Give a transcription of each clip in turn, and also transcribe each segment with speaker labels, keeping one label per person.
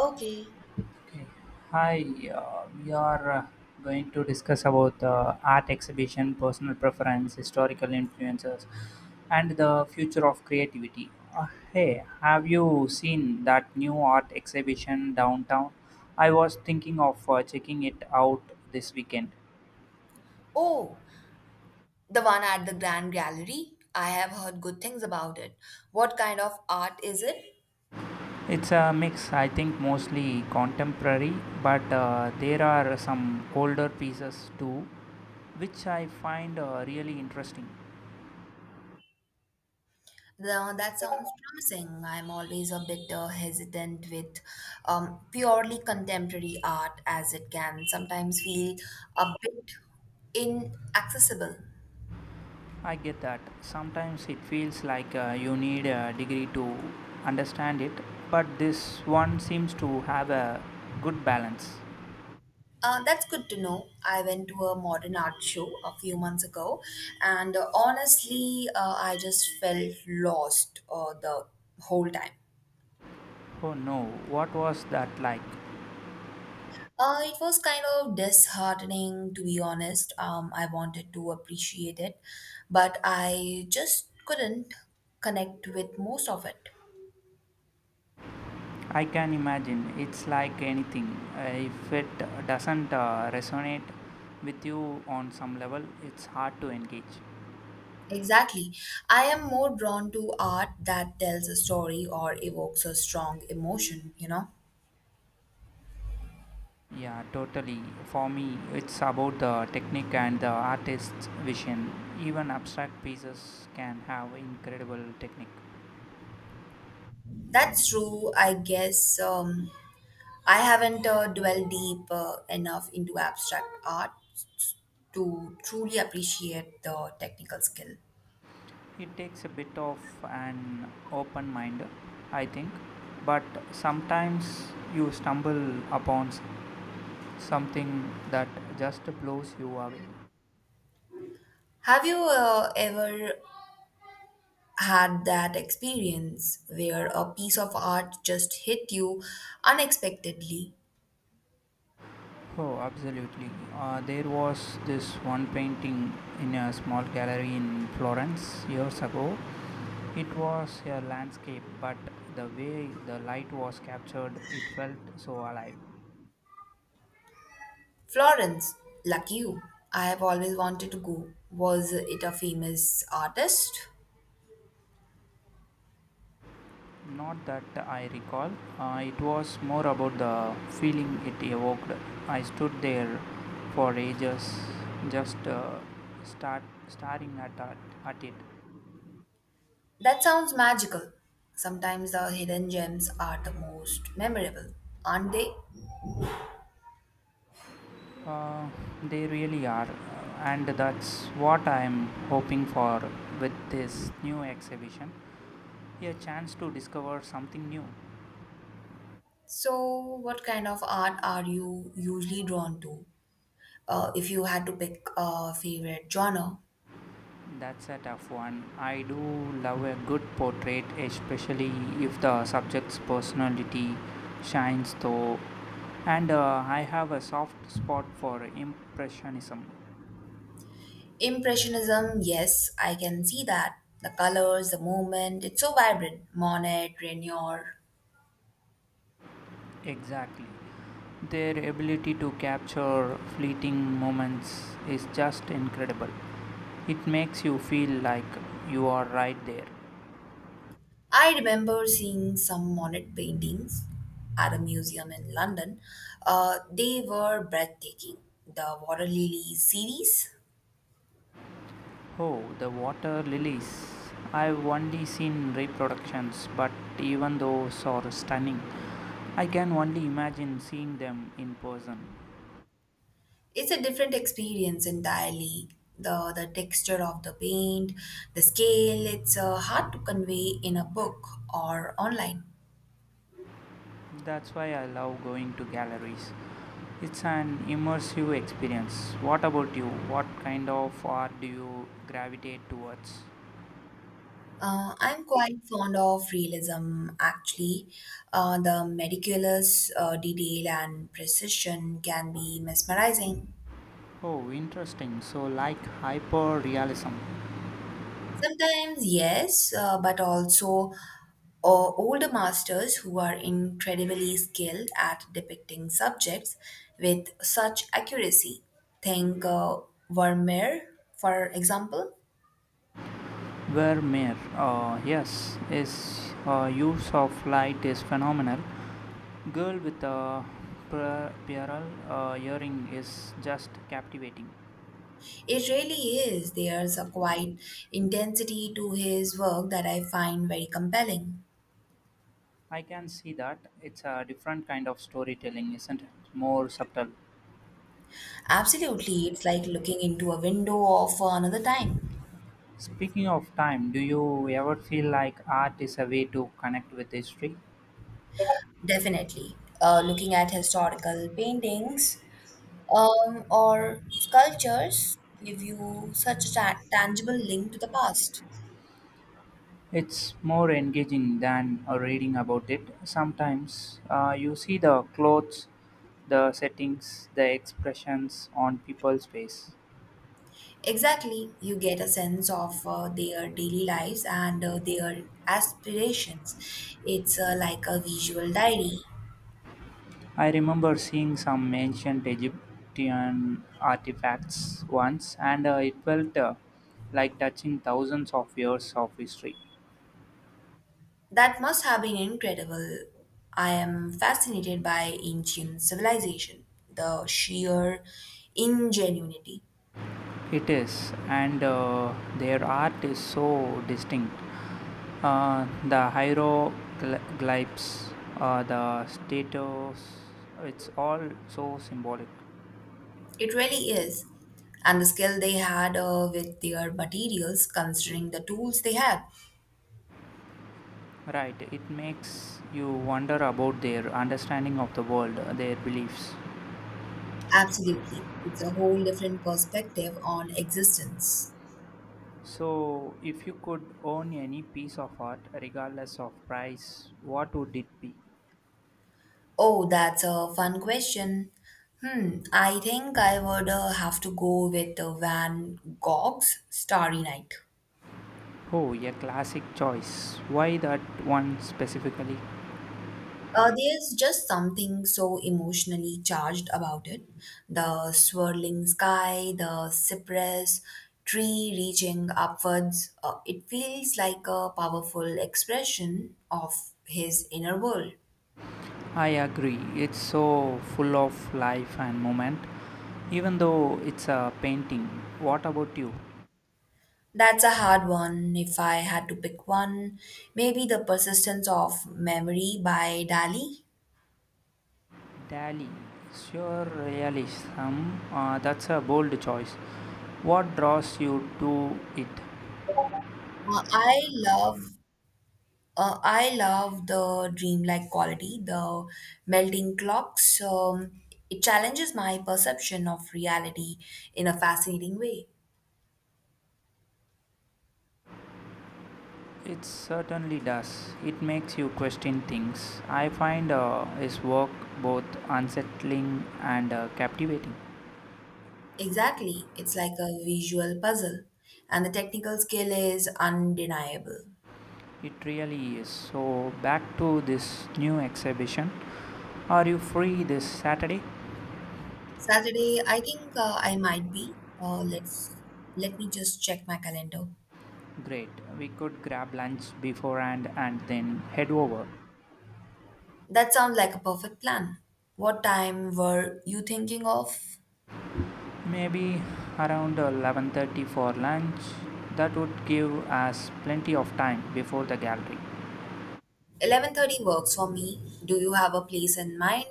Speaker 1: Okay.
Speaker 2: Okay. Hi, we are going to discuss about art exhibition, personal preference, historical influences, and the future of creativity. Hey, have you seen that new art exhibition downtown? I was thinking of checking it out this weekend.
Speaker 1: Oh, the one at the Grand Gallery. I have heard good things about it. What kind of art is it?
Speaker 2: It's a mix, I think, mostly contemporary, but there are some older pieces too, which I find really interesting.
Speaker 1: Now that sounds promising. I'm always a bit hesitant with purely contemporary art, as it can sometimes feel a bit inaccessible.
Speaker 2: I get that. Sometimes it feels like you need a degree to understand it, but this one seems to have a good balance.
Speaker 1: That's good to know. I went to a modern art show a few months ago, and honestly, I just felt lost the whole time.
Speaker 2: Oh no, what was that like?
Speaker 1: It was kind of disheartening, to be honest. I wanted to appreciate it, but I just couldn't connect with most of it.
Speaker 2: I can imagine. It's like anything. If it doesn't resonate with you on some level, it's hard to engage.
Speaker 1: Exactly. I am more drawn to art that tells a story or evokes a strong emotion, you know?
Speaker 2: Yeah, totally. For me, it's about the technique and the artist's vision. Even abstract pieces can have incredible technique.
Speaker 1: That's true, I guess. I haven't dwelled deep enough into abstract art to truly appreciate the technical skill.
Speaker 2: It takes a bit of an open mind, I think, but sometimes you stumble upon something that just blows you away.
Speaker 1: Have you ever had that experience where a piece of art just hit you unexpectedly.
Speaker 2: Oh, absolutely. There was this one painting in a small gallery in Florence years ago. It was a landscape, but the way the light was captured, it felt so alive.
Speaker 1: Florence, lucky you. I have always wanted to go. Was it a famous artist?
Speaker 2: Not that I recall. It was more about the feeling it evoked. I stood there for ages, just start staring at at it.
Speaker 1: That sounds magical. Sometimes the hidden gems are the most memorable, aren't they?
Speaker 2: Uh, they really are, and that's what I'm hoping for with this new exhibition. A chance to discover something new.
Speaker 1: So, what kind of art are you usually drawn to? If you had to pick a favorite genre,
Speaker 2: That's a tough one. I do love a good portrait, especially if the subject's personality shines through. And I have a soft spot for Impressionism.
Speaker 1: Impressionism, yes, I can see that. The colors, the movement, it's so vibrant. Monet, Renoir.
Speaker 2: Exactly. Their ability to capture fleeting moments is just incredible. It makes you feel like you are right there.
Speaker 1: I remember seeing some Monet paintings at a museum in London. They were breathtaking. The Water Lily series,
Speaker 2: Oh, the water lilies. I've only seen reproductions, but even those are stunning. I can only imagine seeing them in person.
Speaker 1: it's a different experience entirely. The texture of the paint, the scale, it's hard to convey in a book or online.
Speaker 2: That's why I love going to galleries. It's an immersive experience. What about you? What kind of art do you gravitate towards?
Speaker 1: I'm quite fond of realism, actually. The meticulous detail and precision can be mesmerizing.
Speaker 2: Oh, interesting. So, like hyper realism,
Speaker 1: Sometimes, yes, but also older masters who are incredibly skilled at depicting subjects with such accuracy. Think Vermeer, for example.
Speaker 2: where mere, yes, is use of light is phenomenal. Girl with a pearl earring is just captivating.
Speaker 1: It really is. There's a quiet intensity to his work that I find very compelling.
Speaker 2: I can see that. It's a different kind of storytelling, isn't it? More subtle.
Speaker 1: Absolutely. It's like looking into a window of another time.
Speaker 2: Speaking of time, do you ever feel like art is a way to connect with history?
Speaker 1: Definitely. Looking at historical paintings or sculptures give you such a tangible link to the past.
Speaker 2: It's more engaging than reading about it. Sometimes you see the clothes, the settings, the expressions on people's face.
Speaker 1: Exactly. You get a sense of their daily lives and their aspirations. It's like a visual diary.
Speaker 2: I remember seeing some ancient Egyptian artifacts once, and it felt like touching thousands of years of history.
Speaker 1: That must have been incredible. I am fascinated by ancient civilization, the sheer ingenuity.
Speaker 2: It is, and their art is so distinct. The hieroglyphs, the status, it's all so symbolic.
Speaker 1: It really is. And the skill they had with their materials, considering the tools they had.
Speaker 2: Right, it makes you wonder about their understanding of the world, their beliefs.
Speaker 1: Absolutely. It's a whole different perspective on existence.
Speaker 2: So, if you could own any piece of art, regardless of price, what would it be?
Speaker 1: Oh, that's a fun question. Hmm, I think I would have to go with Van Gogh's Starry Night.
Speaker 2: Oh, a classic choice. Why that one specifically?
Speaker 1: There's just something so emotionally charged about it. The swirling sky, the cypress tree reaching upwards. It feels like a powerful expression of his inner world.
Speaker 2: I agree. It's so full of life and moment, even though it's a painting. What about you?
Speaker 1: That's a hard one. If I had to pick one, maybe The Persistence of Memory by Dali.
Speaker 2: Dali. Sure, realism. That's a bold choice. What draws you to it?
Speaker 1: Uh, I love I love the dreamlike quality, the melting clocks. It challenges my perception of reality in a fascinating way.
Speaker 2: It certainly does. It makes you question things. I find his work both unsettling and captivating.
Speaker 1: Exactly, it's like a visual puzzle, and the technical skill is undeniable.
Speaker 2: It really is. So, back to this new exhibition. Are you free this Saturday?
Speaker 1: Saturday, I think I might be. Let me just check my calendar.
Speaker 2: Great. We could grab lunch beforehand and then head over.
Speaker 1: That sounds like a perfect plan. What time were you thinking of?
Speaker 2: Maybe around 11:30 for lunch. That would give us plenty of time before the gallery.
Speaker 1: 11:30 works for me. Do you have a place in mind?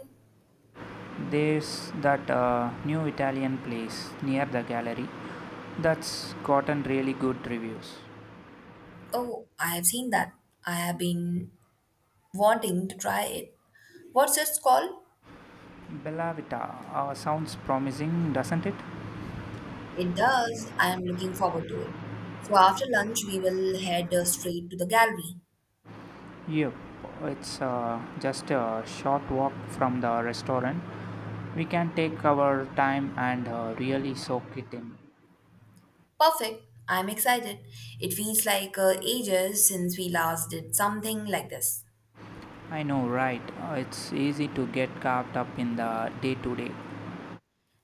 Speaker 2: There's that new Italian place near the gallery that's gotten really good reviews.
Speaker 1: Oh, I have seen that. I have been wanting to try it. What's it called?
Speaker 2: Bella Vita sounds promising, doesn't it?
Speaker 1: It does. I am looking forward to it. So after lunch, we will head straight to the gallery.
Speaker 2: Yep. It's just a short walk from the restaurant. We can take our time and really soak it in.
Speaker 1: Perfect. I'm excited. It feels like ages since we last did something like this.
Speaker 2: I know, right? It's easy to get caught up in the day to day.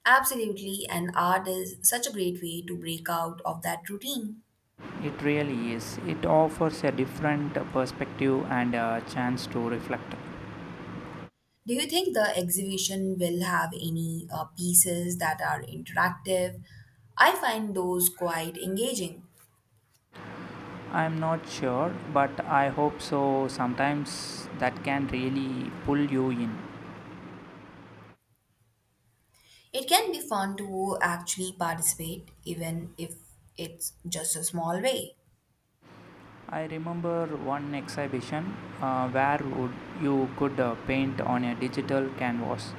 Speaker 1: Absolutely, and art is such a great way to break out of that routine.
Speaker 2: It really is. It offers a different perspective and a chance to reflect.
Speaker 1: Do you think the exhibition will have any pieces that are interactive? I find those quite engaging.
Speaker 2: I'm not sure, but I hope so. Sometimes that can really pull you in.
Speaker 1: It can be fun to actually participate, even if it's just a small way.
Speaker 2: I remember one exhibition where would you could paint on a digital canvas.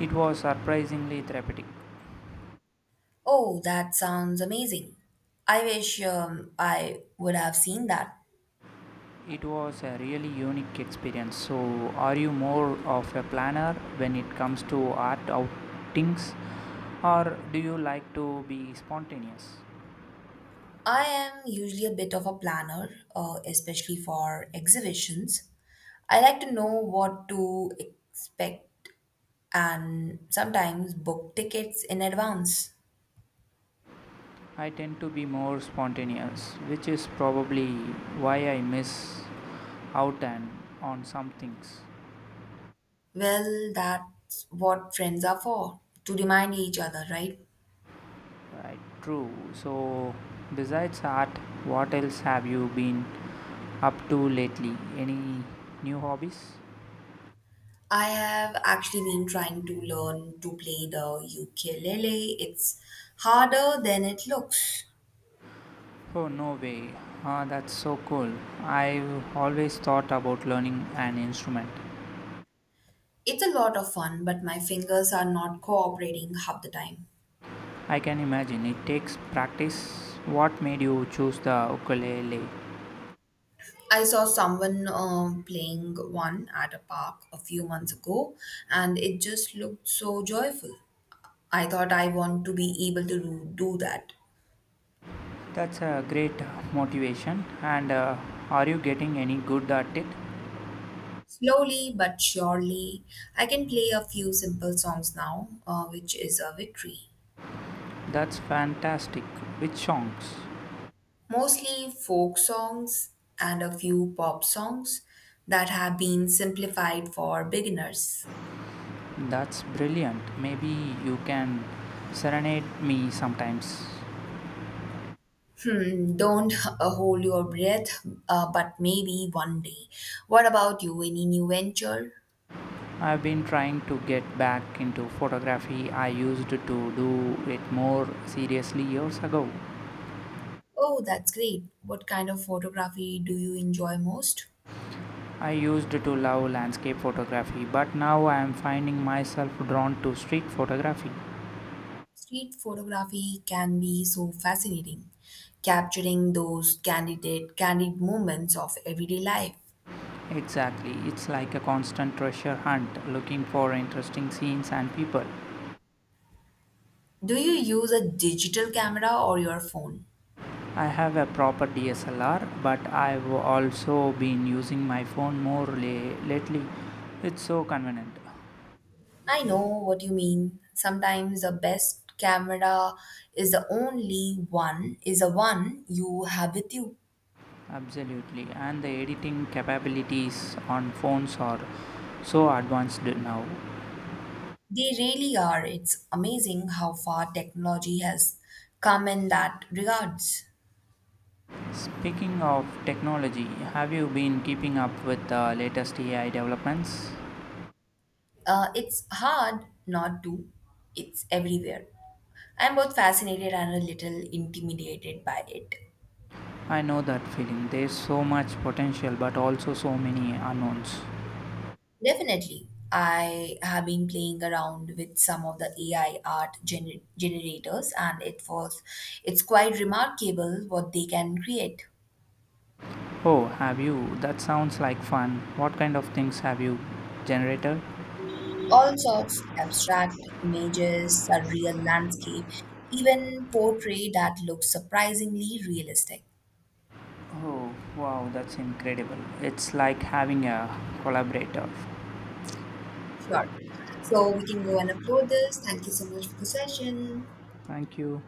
Speaker 2: It was surprisingly therapeutic.
Speaker 1: Oh, that sounds amazing. I wish I would have seen that.
Speaker 2: It was a really unique experience. So, are you more of a planner when it comes to art outings, or do you like to be spontaneous?
Speaker 1: I am usually a bit of a planner, especially for exhibitions. I like to know what to expect and sometimes book tickets in advance.
Speaker 2: I tend to be more spontaneous, which is probably why I miss out and on some things.
Speaker 1: Well, that's what friends are for, to remind each other, right?
Speaker 2: Right, true. So, besides art, what else have you been up to lately? Any new hobbies?
Speaker 1: I have actually been trying to learn to play the ukulele. It's harder than it looks.
Speaker 2: Oh, no way. Ah, that's so cool. I've always thought about learning an instrument.
Speaker 1: It's a lot of fun, but my fingers are not cooperating half the time.
Speaker 2: I can imagine it takes practice. What made you choose the ukulele?
Speaker 1: I saw someone playing one at a park a few months ago, and it just looked so joyful. I thought I want to be able to do that.
Speaker 2: That's a great motivation. And are you getting any good at it?
Speaker 1: Slowly but surely, I can play a few simple songs now, which is a victory.
Speaker 2: That's fantastic. Which songs?
Speaker 1: Mostly folk songs and a few pop songs that have been simplified for beginners.
Speaker 2: That's brilliant. Maybe you can serenade me sometimes.
Speaker 1: Hmm, don't hold your breath, but maybe one day. What about you? Any new venture?
Speaker 2: I've been trying to get back into photography. I used to do it more seriously years ago.
Speaker 1: Oh, that's great. What kind of photography do you enjoy most?
Speaker 2: I used to love landscape photography, but now I am finding myself drawn to street photography.
Speaker 1: Street photography can be so fascinating, capturing those candid moments of everyday life.
Speaker 2: Exactly, it's like a constant treasure hunt looking for interesting scenes and people.
Speaker 1: Do you use a digital camera or your phone?
Speaker 2: I have a proper DSLR, but I've also been using my phone more lately. It's so convenient.
Speaker 1: I know what you mean. Sometimes the best camera is the one you have with you.
Speaker 2: Absolutely, and the editing capabilities on phones are so advanced now.
Speaker 1: They really are. It's amazing how far technology has come in that regards.
Speaker 2: Speaking of technology, have you been keeping up with the latest AI developments?
Speaker 1: It's hard not to, it's everywhere. I'm both fascinated and a little intimidated by it.
Speaker 2: I know that feeling. There's so much potential, but also so many unknowns.
Speaker 1: Definitely. I have been playing around with some of the AI art generators, and it's quite remarkable what they can create.
Speaker 2: Oh, have you? That sounds like fun. What kind of things have you generated?
Speaker 1: All sorts, abstract images, a real landscape, even portrait that looks surprisingly realistic.
Speaker 2: Oh, wow, that's incredible. It's like having a collaborator.
Speaker 1: Sure. So we can go and upload this. Thank you so much for the session.
Speaker 2: Thank you.